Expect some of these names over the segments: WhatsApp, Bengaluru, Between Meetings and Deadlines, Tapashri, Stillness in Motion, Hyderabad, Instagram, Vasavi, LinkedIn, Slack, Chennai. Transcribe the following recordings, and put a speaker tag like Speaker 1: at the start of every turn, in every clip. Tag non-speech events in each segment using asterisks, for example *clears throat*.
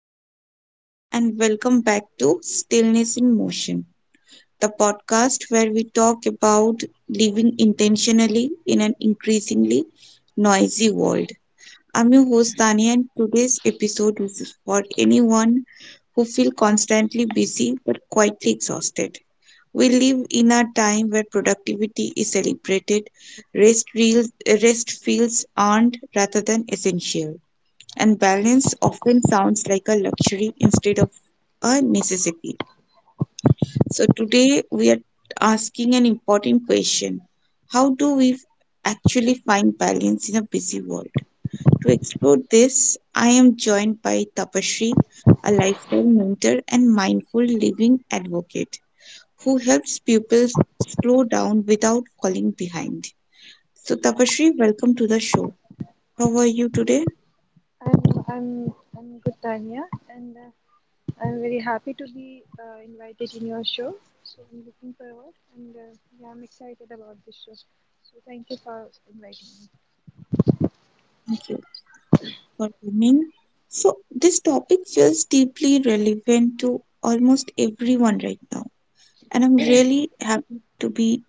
Speaker 1: Hello, everyone, and welcome back to Stillness in Motion, the podcast where we talk about living intentionally in an increasingly noisy world. I'm your host, Tania, and today's episode is for anyone who feels constantly busy but quietly exhausted. We live in a time where productivity is celebrated, rest, reels, rest feels earned rather than essential and balance often sounds like a luxury instead of a necessity. So, today we are asking an important question. How do we f- actually find balance in a busy world? To explore this, I am joined by Tapashri, a lifestyle mentor and mindful living advocate who helps people slow down without falling behind. So, Tapashri, welcome to the show. How are you today?
Speaker 2: I'm I'm I'm good, Tanya, and I'm very happy to be invited in your show. So I'm looking forward, and yeah, I'm excited about this show. So thank you for inviting me.
Speaker 1: Thank you. For women. So, this topic feels deeply relevant to almost everyone right now, and I'm really happy to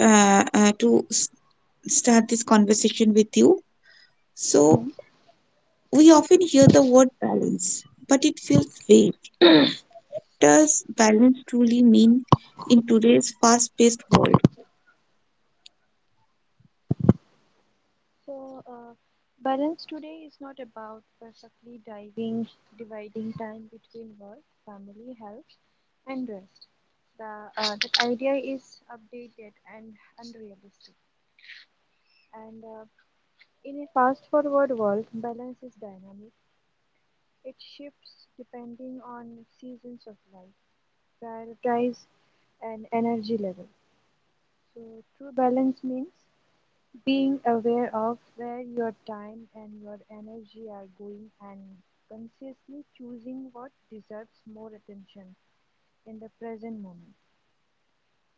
Speaker 1: uh, uh, to s- start conversation with you.
Speaker 2: Hmm.
Speaker 1: So, we often hear the word balance, but it feels vague. Does balance truly mean in today's fast-paced world?
Speaker 2: So uh, balance today is not about dividing time between work, family, health, and rest. The That idea is updated and unrealistic, and in a fast-forward world, balance is dynamic. It shifts depending on seasons of life, prioritize, and energy level. So, true balance means being aware of where your time and your energy are going and consciously choosing what deserves more attention in the present moment.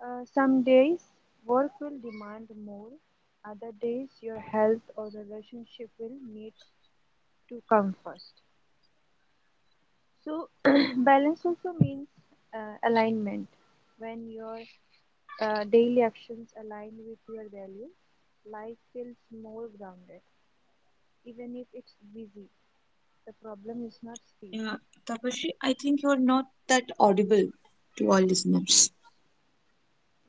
Speaker 2: Some days work will demand more, other days your health or relationship will need to come first. So, *clears throat* balance also means alignment. When your daily actions align with your values, life feels more grounded. Even if it's busy, the problem is not speed.
Speaker 1: Yeah, Tapasri, I think you're not that audible to our listeners.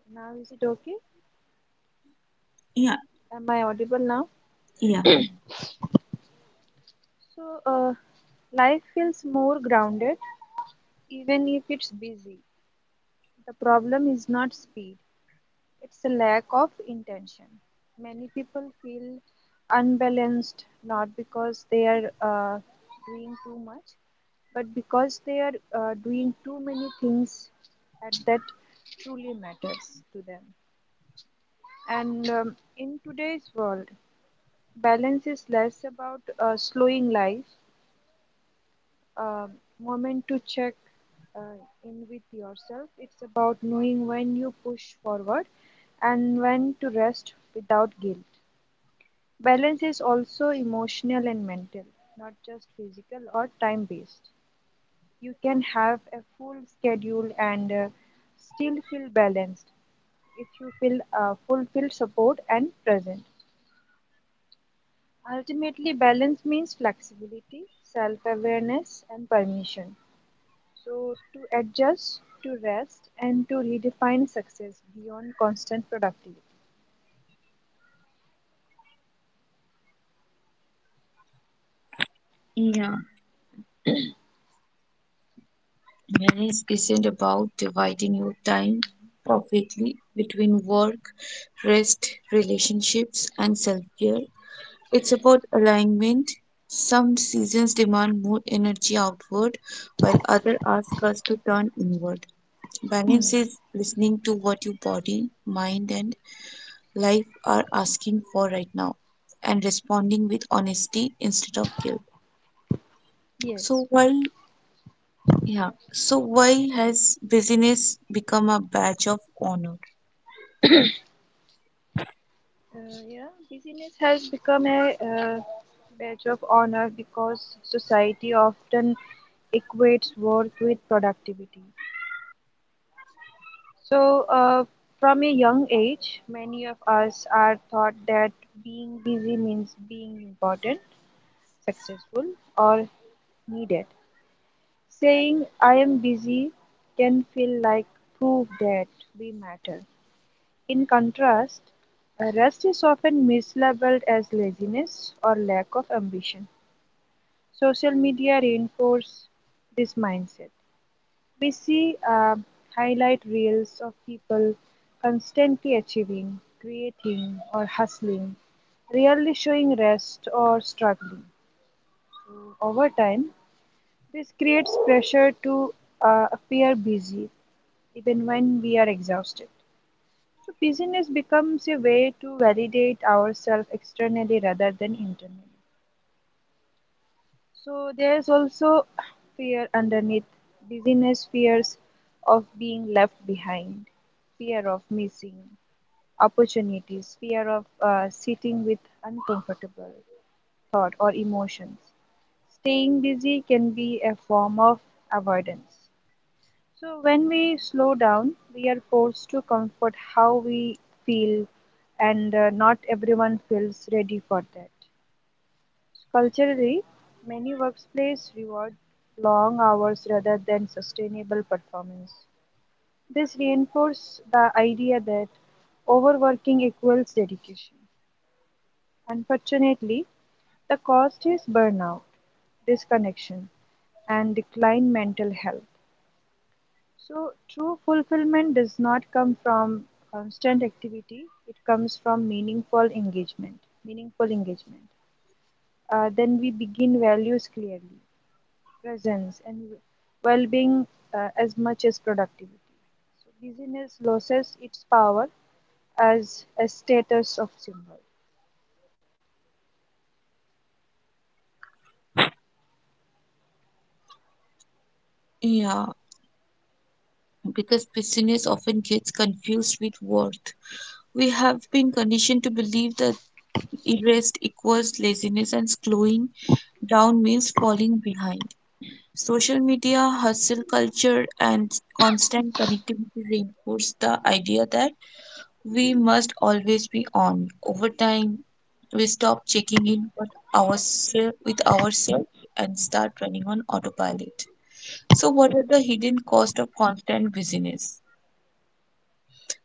Speaker 2: Now, is it okay?
Speaker 1: Yeah,
Speaker 2: Am I audible now?
Speaker 1: yeah,
Speaker 2: So, life feels more grounded even if it's busy. The problem is not speed. It's a lack of intention. Many people feel unbalanced not because they are doing too much, but because they are doing too many things at that truly matters to them. And in today's world, balance is less about slowing life, uh, moment to check uh, in with yourself. It's about knowing when you push forward and when to rest without guilt. Balance is also emotional and mental, not just physical or time based. You can have a full schedule and still feel balanced if you feel fulfilled, support, and present. Ultimately, balance means flexibility, self awareness, and permission. So, to adjust, to rest, and to redefine success beyond constant productivity.
Speaker 1: yeah. Manage isn't about dividing your time perfectly between work, rest, relationships, and self care. It's about alignment. Some seasons demand more energy outward, while others ask us to turn inward. Balance
Speaker 2: Hmm.
Speaker 1: is listening to what your body, mind, and life are asking for right now and responding with honesty instead of guilt.
Speaker 2: Yes.
Speaker 1: So why Yeah, so why has busyness become a badge of honor?
Speaker 2: Uh, yeah, busyness has become a badge of honor because society often equates worth with productivity. So, from a young age, many of us are taught that being busy means being important, successful, or needed. Saying I am busy can feel like proof that we matter. In contrast, rest is often mislabeled as laziness or lack of ambition. Social media reinforce this mindset. We see highlight reels of people constantly achieving, creating, or hustling, rarely showing rest or struggling. So, over time, this creates pressure to appear busy even when we are exhausted. So busyness becomes a way to validate ourselves externally rather than internally. So there's also fear underneath busyness: fears of being left behind, fear of missing opportunities, fear of sitting with uncomfortable thought or emotions. Staying busy can be a form of avoidance. So, when we slow down, we are forced to comfort how we feel, and not everyone feels ready for that. So, culturally, many workplaces reward long hours rather than sustainable performance. This reinforces the idea that overworking equals dedication. Unfortunately, the cost is burnout, disconnection, and decline mental health. So, true fulfillment does not come from constant activity, it comes from meaningful engagement. Meaningful engagement. Then we begin values clearly, presence, and well being as much as productivity. So, busyness loses its power as a status of symbol.
Speaker 1: Yeah, because busyness often gets confused with worth. We have been conditioned to believe that rest equals laziness and slowing down means falling behind. Social media, hustle culture, and constant connectivity reinforce the idea that we must always be on. Over time, we stop checking in with ourselves and start running on autopilot. So what are the hidden cost of constant busyness?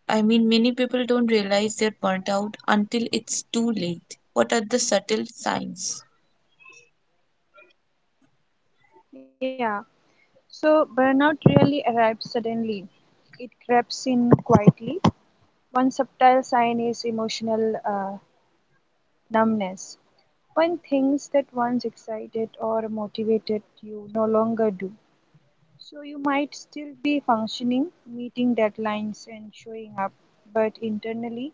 Speaker 1: I mean many people don't realize they're burnt out until it's too late. What are the subtle signs?
Speaker 2: Yeah. So, burnout really arrives suddenly. It creeps in quietly. One subtle sign is emotional uh, numbness: when things that once excited or motivated you no longer do, so you might still be functioning, meeting deadlines, and showing up, but internally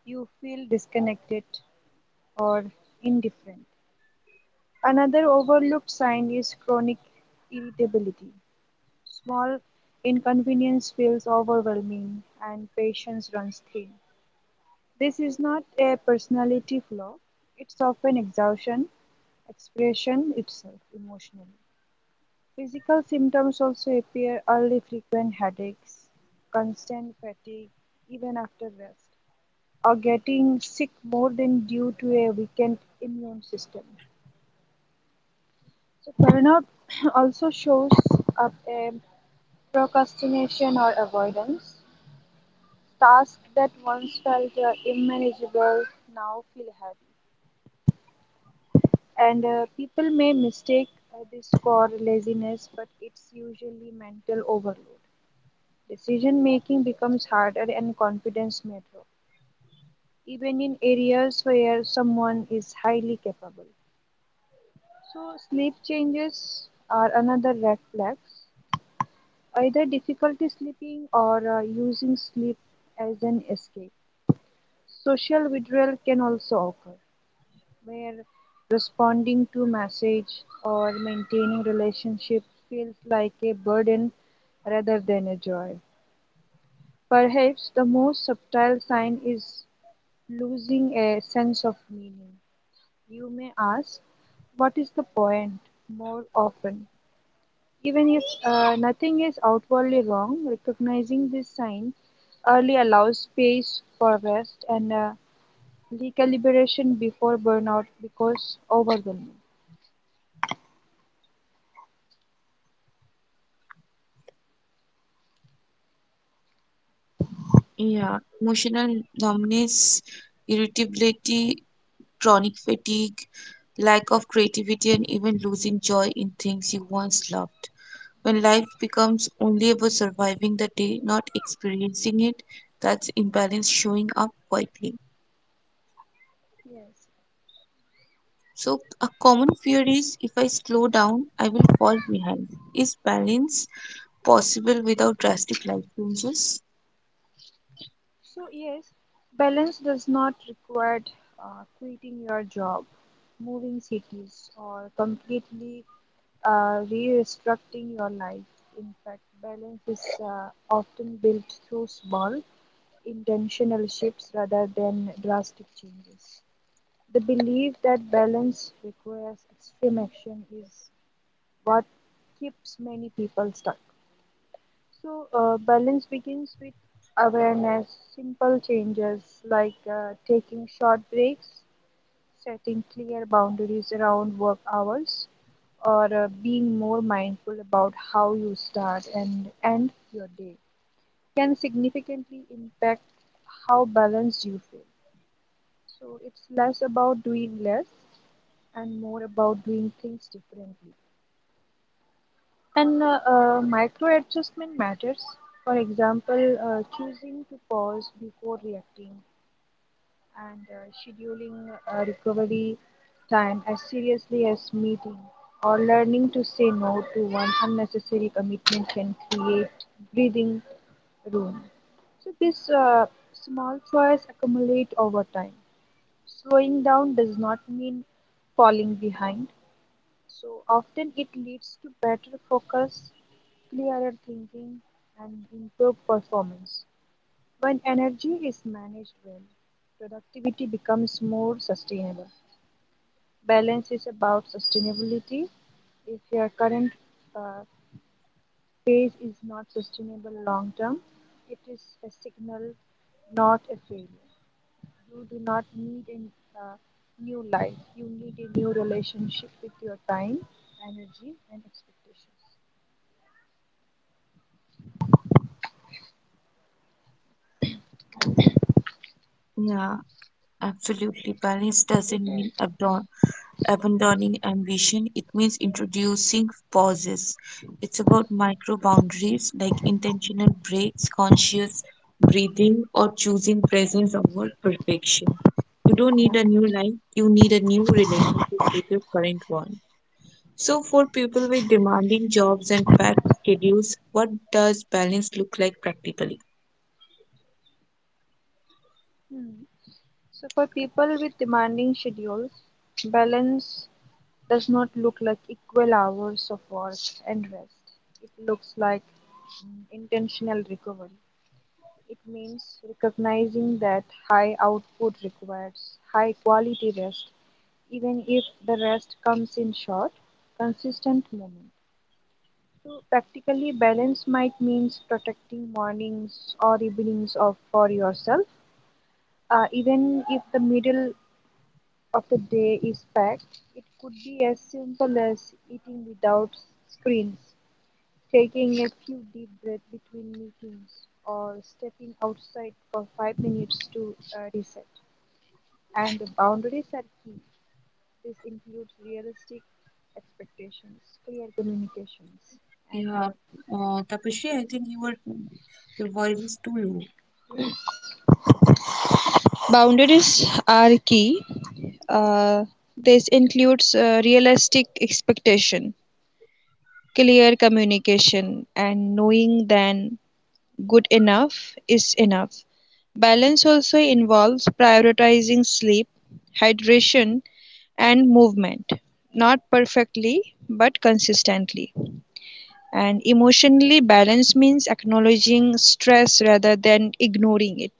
Speaker 2: you feel disconnected or indifferent. Another overlooked sign is chronic irritability. Small inconvenience feels overwhelming and patience runs thin. This is not a personality flaw, it's often exhaustion, expression itself emotionally. Physical symptoms also appear early: frequent headaches, constant fatigue even after rest, or getting sick more than due to a weakened immune system. So burnout *clears throat* also shows up a procrastination or avoidance. Tasks that once felt unmanageable now feel heavy. And people may mistake this for laziness, but it's usually mental overload. Decision making becomes harder and confidence may drop, even in areas where someone is highly capable. So, sleep changes are another red flag. Either difficulty sleeping or using sleep as an escape. Social withdrawal can also occur, where responding to message or maintaining relationship feels like a burden rather than a joy. Perhaps the most subtle sign is losing a sense of meaning. You may ask, "What is the point?" more often. Even if nothing is outwardly wrong, recognizing this sign early allows space for rest and recalibration before burnout becomes overwhelming.
Speaker 1: Yeah, emotional numbness, irritability, chronic fatigue, lack of creativity, and even losing joy in things you once loved. When life becomes only about surviving the day, not experiencing it, that's imbalance showing up quietly.
Speaker 2: Yes.
Speaker 1: So, a common fear is if I slow down, I will fall behind. Is balance possible without drastic life changes?
Speaker 2: So, yes, balance does not require quitting your job, moving cities, or completely restructuring your life. In fact, balance is often built through small, intentional shifts rather than drastic changes. The belief that balance requires extreme action is what keeps many people stuck. So, balance begins with awareness. Simple changes like taking short breaks, setting clear boundaries around work hours, or being more mindful about how you start and end your day can significantly impact how balanced you feel. So, it's less about doing less and more about doing things differently. And micro adjustment matters. For example, choosing to pause before reacting and scheduling recovery time as seriously as meeting, or learning to say no to one unnecessary commitment, can create breathing room. So these small choices accumulate over time. Slowing down does not mean falling behind. So often it leads to better focus, clearer thinking, and improved performance. When energy is managed well, productivity becomes more sustainable. Balance is about sustainability. If your current uh, phase is not sustainable long term, it is a signal, not a failure. You do not need a new life, you need a new relationship with your time, energy, and expectations.
Speaker 1: Yeah, absolutely. Balance doesn't mean abdon abandoning ambition, it means introducing pauses. It's about micro boundaries like intentional breaks, conscious breathing, or choosing presence over perfection. You don't
Speaker 2: Yeah.
Speaker 1: need a new life, you need a new relationship with your current one. So, for people with demanding jobs and packed schedules, what does balance look like practically?
Speaker 2: Hmm. So, for people with demanding schedules, balance does not look like equal hours of work and rest. It looks like intentional recovery. It means recognizing that high output requires high quality rest, even if the rest comes in short, consistent moments. So practically balance might means protecting mornings or evenings of for yourself. Even if the middle of the day is packed, it could be as simple as eating without screens, taking a few deep breaths between meetings, or stepping outside for 5 minutes to reset. And the boundaries are key. This includes realistic expectations, clear communications, and
Speaker 1: Yeah, Tapashri, I think your voice is too low.
Speaker 2: boundaries are key. Uh, this includes realistic expectation, clear communication, and knowing then good enough is enough. Balance also involves prioritizing sleep, hydration, and movement, not perfectly but consistently. And emotionally, balance means acknowledging stress rather than ignoring it.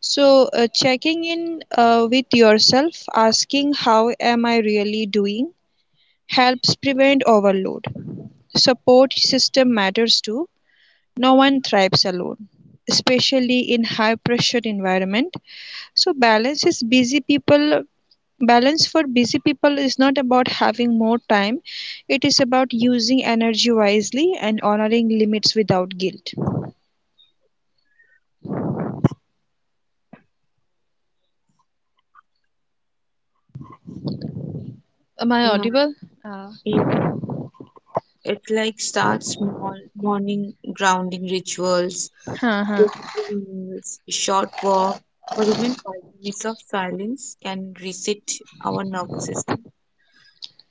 Speaker 2: So, checking in with yourself, asking how am I really doing, helps prevent overload. Support system matters too. No one thrives alone, especially in high pressure environment. So balance for busy people is not about having more time. It is about using energy wisely and honoring limits without guilt. Am I
Speaker 1: Yeah.
Speaker 2: audible? Uh,
Speaker 1: Yeah, it like starts small morning grounding rituals,
Speaker 2: Huh, huh.
Speaker 1: quick meals, short walk, or even 5 minutes of silence can reset our nervous system.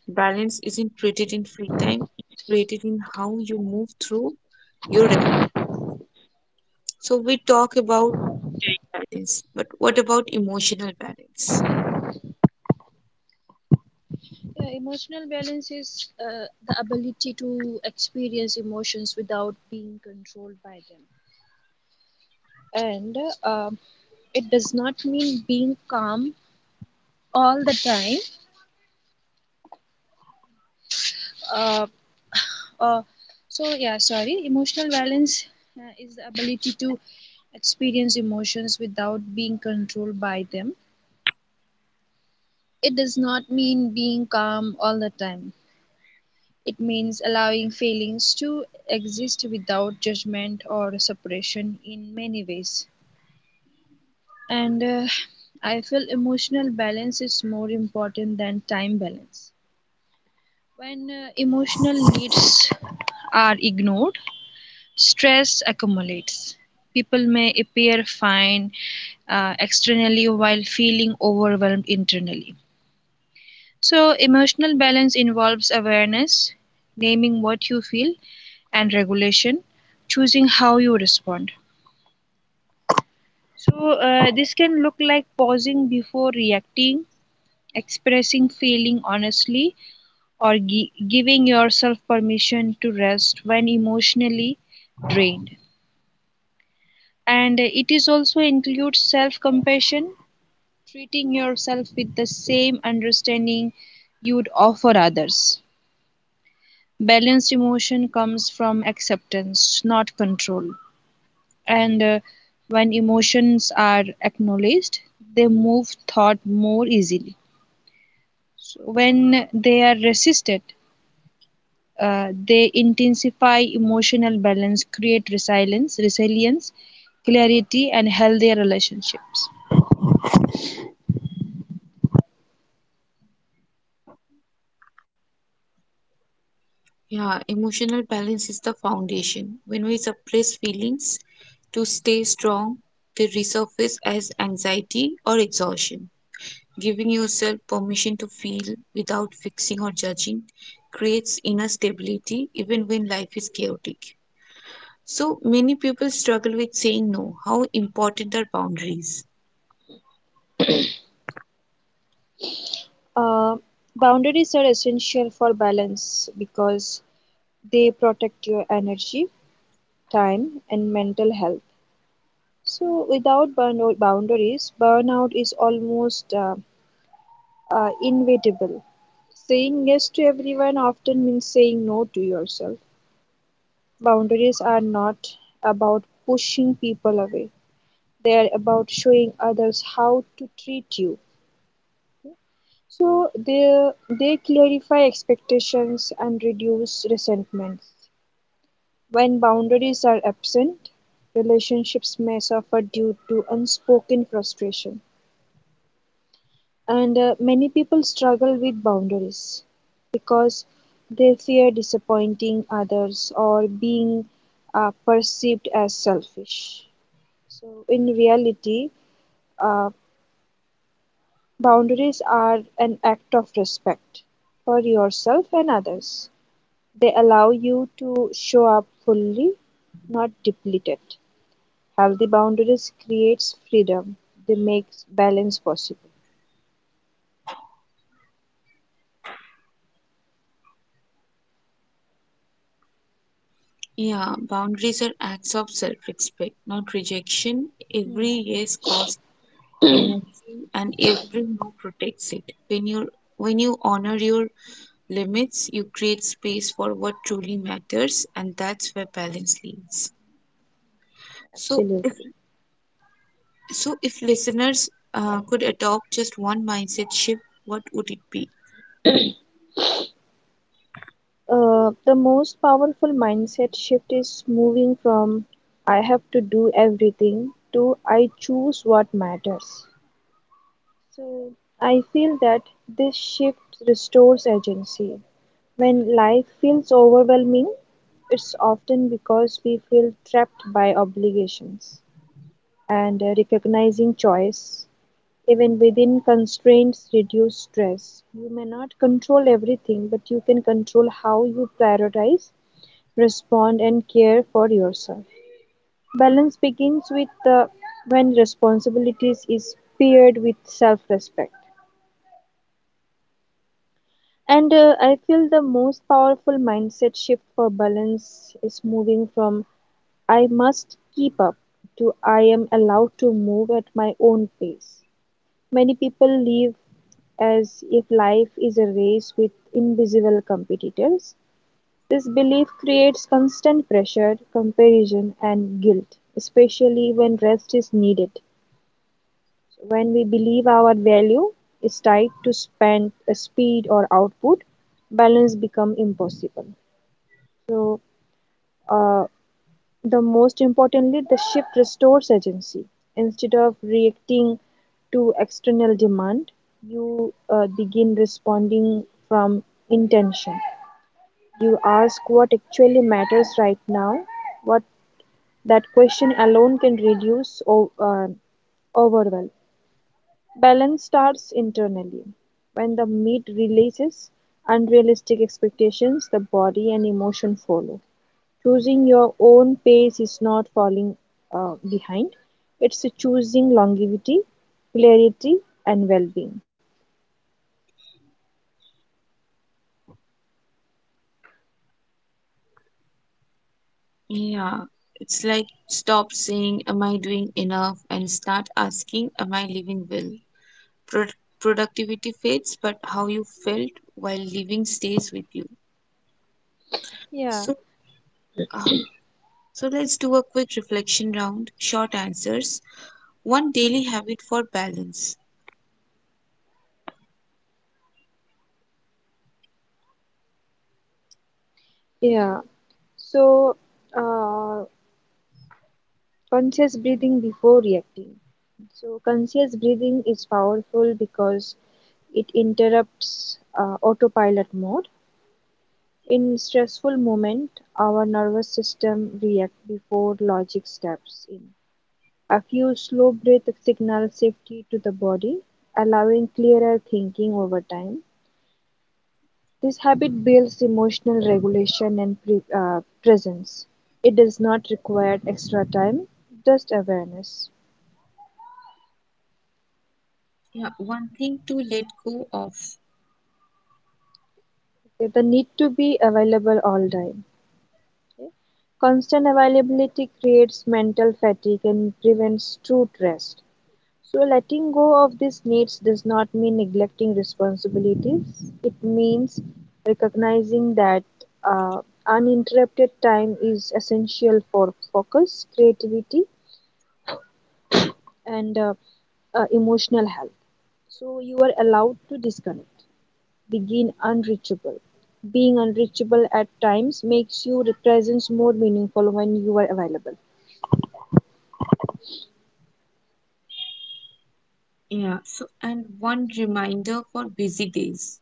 Speaker 1: Balance isn't created in free time, it's created in how you move through your rest. So we talk about balance, but what about emotional balance?
Speaker 2: Yeah, emotional balance is the ability to experience emotions without being controlled by them. And uh, um, it does not mean being calm all the time, uh, uh, so yeah sorry Emotional balance is the ability to experience emotions without being controlled by them. It does not mean being calm all the time. It means allowing feelings to exist without judgment or suppression in many ways. And I feel emotional balance is more important than time balance. When emotional needs are ignored, stress accumulates. People may appear fine externally while feeling overwhelmed internally. So, emotional balance involves awareness, naming what you feel, and regulation, choosing how you respond. So, this can look like pausing before reacting, expressing feeling honestly, or giving yourself permission to rest when emotionally drained. And it is also includes self compassion, treating yourself with the same understanding you would offer others. Balanced emotion comes from acceptance not control. And when emotions are acknowledged they move thought more easily, so when they are resisted they intensify. Emotional balance create resilience, clarity, and healthier relationships.
Speaker 1: Yeah, emotional balance is the foundation. When we suppress feelings to stay strong, they resurface as anxiety or exhaustion. Giving yourself permission to feel without fixing or judging creates inner stability even when life is chaotic. So many people struggle with saying no. How important are boundaries?
Speaker 2: Uh, Boundaries are essential for balance because they protect your energy, time, and mental health. So, without boundaries, burnout is almost inevitable. Saying yes to everyone often means saying no to yourself. Boundaries are not about pushing people away, they are about showing others how to treat you. So they clarify expectations and reduce resentments. When boundaries are absent, relationships may suffer due to unspoken frustration. And many people struggle with boundaries because they fear disappointing others or being perceived as selfish. So, in reality, uh, boundaries are an act of respect for yourself and others. They allow you to show up fully, not depleted. Healthy boundaries creates freedom. They make balance possible.
Speaker 1: Yeah, boundaries are acts of self respect, not rejection. Every yes costs energy and every no protects it. When you when you honor your limits you create space for what truly matters and that's where balance lives. so
Speaker 2: Absolutely.
Speaker 1: if so if listeners could adopt just one mindset shift, what would it be?
Speaker 2: The most powerful mindset shift is moving from "I have to do everything" to "I choose what matters." So I feel that this shift restores agency. When life feels overwhelming, it's often because we feel trapped by obligations. And recognizing choice, even within constraints, reduce stress. You may not control everything, but you can control how you prioritize, respond, and care for yourself. Balance begins with when responsibilities is paired with self-respect. And I feel the most powerful mindset shift for balance is moving from I must keep up to I am allowed to move at my own pace. Many people live as if life is a race with invisible competitors. This belief creates constant pressure, comparison, and guilt, especially when rest is needed. So, when we believe our value is tied to speed, or output, balance becomes impossible. So, uh, The most importantly, the shift restores agency: instead of reacting to external demand, you begin responding from intention. You ask what actually matters right now. What that question alone can reduce overwhelm. Balance starts internally; when the meat releases unrealistic expectations, the body and emotion follow. Choosing your own pace is not falling behind, it's choosing longevity, clarity, and well being.
Speaker 1: Yeah, it's like stop saying am I doing enough and start asking am I living well. Productivity fades but how you felt while living stays with you.
Speaker 2: Yeah,
Speaker 1: so So let's do a quick reflection round, short answers. One daily habit for balance.
Speaker 2: yeah. So, uh, conscious breathing before reacting. So, conscious breathing is powerful because it interrupts autopilot mode. In stressful moment, our nervous system reacts before logic steps in. A few slow breaths signal safety to the body, allowing clearer thinking over time. This habit builds emotional regulation and presence. It does not require extra time, just awareness.
Speaker 1: Yeah, one thing to let go of.
Speaker 2: Okay, the need to be available all time. Okay. Constant availability creates mental fatigue and prevents true rest. So letting go of these needs does not mean neglecting responsibilities. It means recognizing that uh, uninterrupted time is essential for focus, creativity, and emotional health. So you are allowed to disconnect, begin unreachable. Being unreachable at times makes your presence more meaningful when you are available.
Speaker 1: Yeah, so and one reminder for busy days.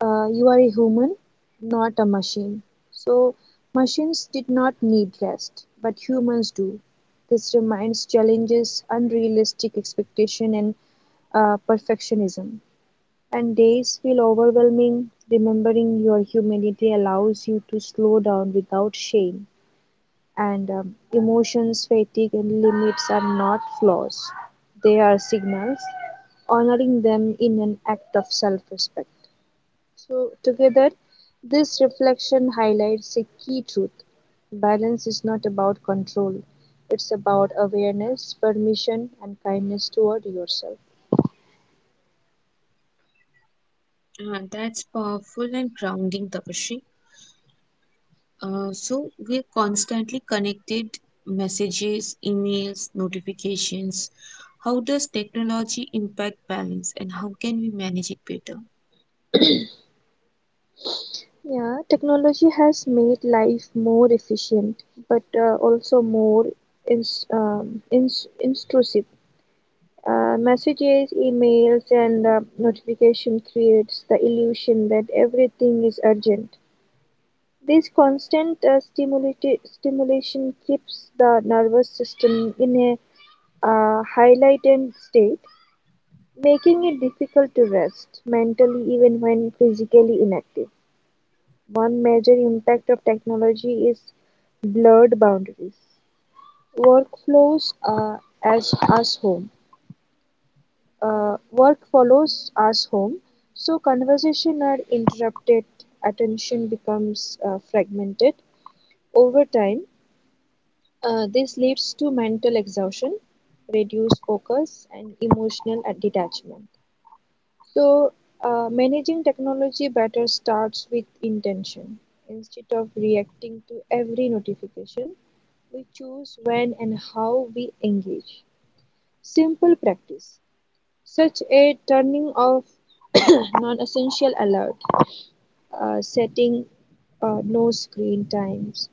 Speaker 2: You are a human, not a machine. So, machines did not need rest, but humans do. This reminds challenges, unrealistic expectation, and perfectionism. And days feel overwhelming. Remembering your humanity allows you to slow down without shame. And emotions, fatigue, and limits are not flaws, they are signals. Honoring them in an act of self respect. So, together, this reflection highlights a key truth balance is not about control, it's about awareness, permission, and kindness toward yourself.
Speaker 1: That's powerful and grounding, Tapashri. So we're constantly connected, messages, emails, notifications. How does technology impact balance and how can we manage it better?
Speaker 2: Yeah, technology has made life more efficient, but also more intrusive. Messages, emails, and notification creates the illusion that everything is urgent. This constant stimulation keeps the nervous system in a highlighted state, making it difficult to rest mentally even when physically inactive. One major impact of technology is blurred boundaries. Work flows as us home. Work follows us home, so conversation are interrupted, attention becomes fragmented. Over time, this leads to mental exhaustion, reduced focus, and emotional detachment. So, managing technology better starts with intention. Instead of reacting to every notification, we choose when and how we engage. Simple practice, such as turning off *coughs* non essential alert, setting no screen times,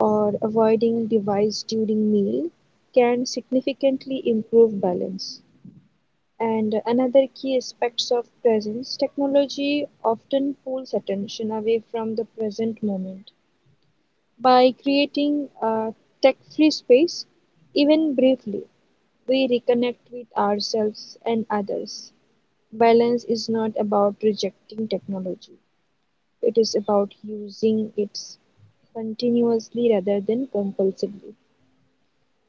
Speaker 2: or avoiding device during meal can significantly improve balance. And another key aspects of presence, technology often pulls attention away from the present moment. By creating a tech-free space, even briefly, we reconnect with ourselves and others. Balance is not about rejecting technology. It is about using it continuously rather than compulsively.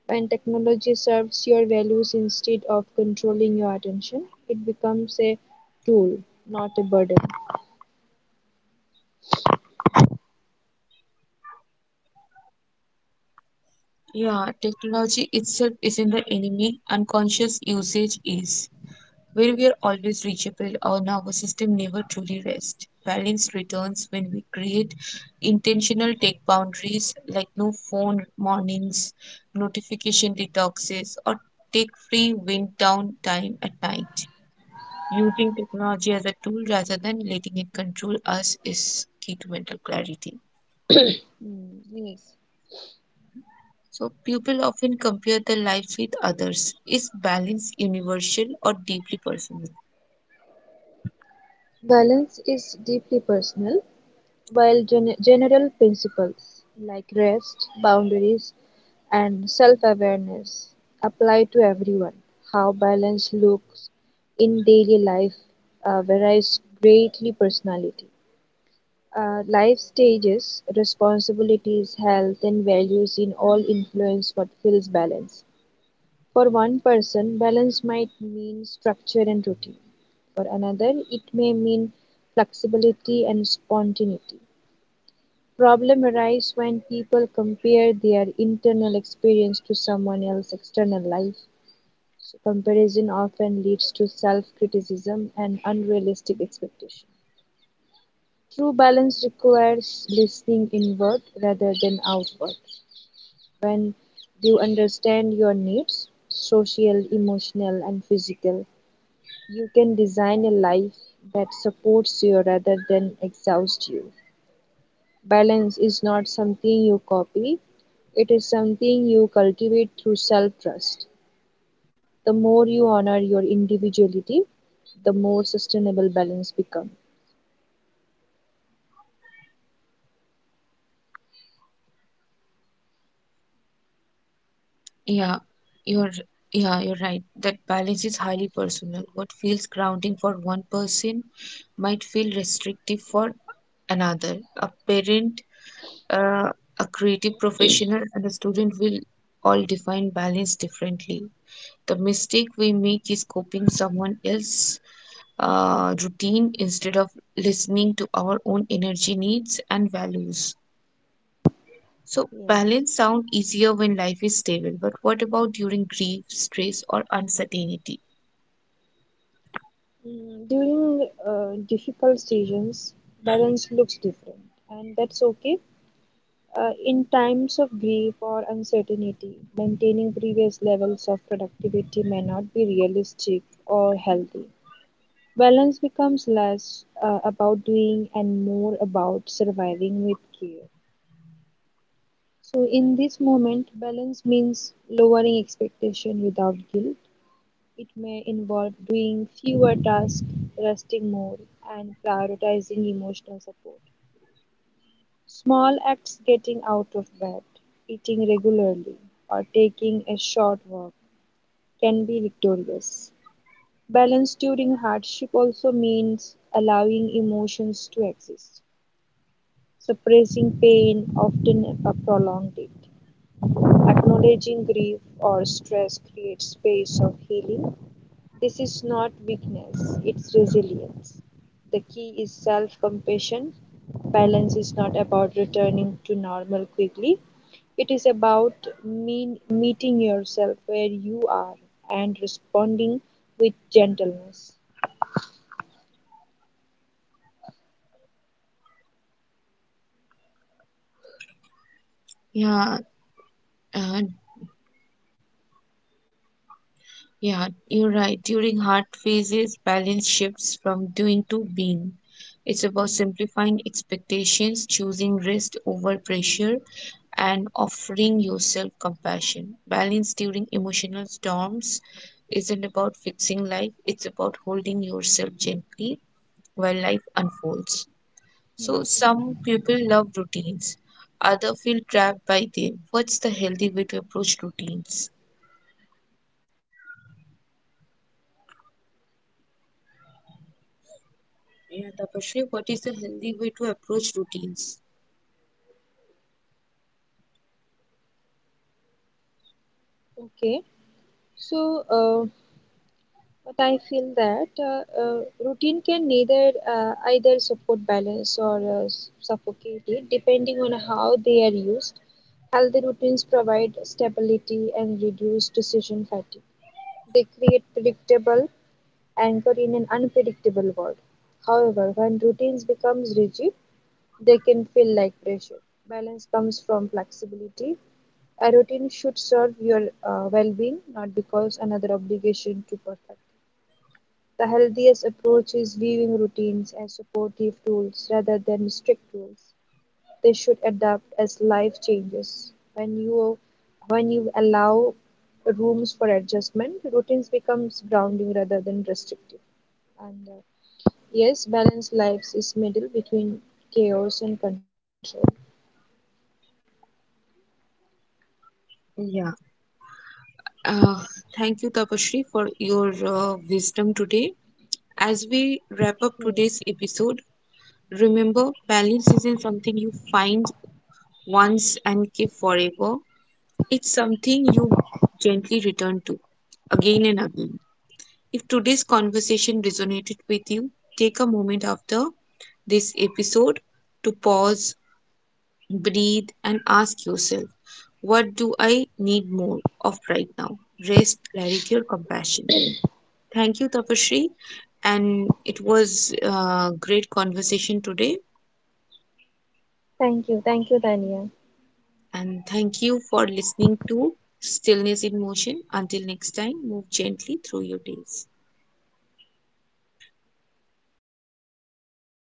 Speaker 2: When technology serves your values instead of controlling your attention, it becomes a tool, not a burden.
Speaker 1: Yeah, technology itself isn't the enemy, unconscious usage is. Where we are always reachable, our nervous system never truly rests. Balance returns when we create intentional take boundaries like no phone mornings, notification detoxes, or take free wind down time at night. Using technology as a tool rather than letting it control us is key to mental clarity.
Speaker 2: Mm, yes.
Speaker 1: So, people often compare their life with others. Is balance universal or deeply personal?
Speaker 2: Balance is deeply personal, while general principles like rest, boundaries, and self awareness apply to everyone. How balance looks in daily life varies greatly personality. Life stages, responsibilities, health, and values in all influence what feels balance. For one person, balance might mean structure and routine. For another, it may mean flexibility and spontaneity. Problem arise when people compare their internal experience to someone else's external life. So comparison often leads to self-criticism and unrealistic expectations. True balance requires listening inward rather than outward. Do you understand your needs? Social, emotional, and physical. You can design a life that supports you rather than exhausts you. Balance is not something you copy, it is something you cultivate through self trust. The more you honor your individuality, the more sustainable balance becomes.
Speaker 1: Yeah, you're yeah, you're right. That balance is highly personal. What feels grounding for one person might feel restrictive for another. A parent, uh, a creative professional, and a student will all define balance differently. The mistake we make is copying someone else's routine instead of listening to our own energy needs and values. So,
Speaker 2: Yes.
Speaker 1: balance sound easier when life is stable, but what about during grief, stress, or uncertainty?
Speaker 2: Mm, during difficult seasons, balance looks different, and that's okay. In times of grief or uncertainty, maintaining previous levels of productivity may not be realistic or healthy. Balance becomes less about doing and more about surviving with care. So, in this moment, balance means lowering expectation without guilt. It may involve doing fewer tasks, resting more, and prioritizing emotional support. Small acts getting out of bed, eating regularly, or taking a short walk can be victorious. Balance during hardship also means allowing emotions to exist, suppressing pain, often prolonged it. Acknowledging grief or stress creates space of healing. This is not weakness, it's resilience. The key is self compassion. Balance is not about returning to normal quickly, it is about meeting yourself where you are and responding with gentleness.
Speaker 1: Yeah, uh, yeah, you're right. During hard phases, balance shifts from doing to being. It's about
Speaker 2: Hmm,
Speaker 1: simplifying expectations, choosing rest over pressure, and offering yourself compassion. Balance during emotional storms isn't about fixing life, it's about holding yourself gently while life unfolds.
Speaker 2: hmm,
Speaker 1: So
Speaker 2: hmm.
Speaker 1: some people love routines, others feel trapped by them. What's the healthy way to approach routines? Yeah, Tapashri, what is the healthy way to approach routines?
Speaker 2: Okay, so uh, But I feel that routine can neither either support balance or suffocate it, depending on how they are used. Healthy routines provide stability and reduce decision fatigue. They create predictable anchor in an unpredictable world. However, when routines becomes rigid, they can feel like pressure. Balance comes from flexibility. A routine should serve your well-being, not because another obligation to perfect. The healthiest approach is viewing routines as supportive tools rather than strict rules. They should adapt as life changes. When you allow rooms for adjustment, routines becomes grounding rather than restrictive. And Yes, balanced lives is middle between chaos and control.
Speaker 1: Yeah. Uh, thank you, Tapashri, for your wisdom today. As we
Speaker 2: Yes.
Speaker 1: wrap up today's episode, remember balance isn't something you find once and keep forever. It's something you gently return to again and again. If today's conversation resonated with you, take a moment after this episode to pause, breathe, and ask yourself, what do I need more of right now? Rest, clarity, or compassion? Thank you, Tapashri. And it was a great conversation today.
Speaker 2: Thank you. Thank you, Tanya.
Speaker 1: And thank you for listening to Stillness in Motion. Until next time, move gently through your days.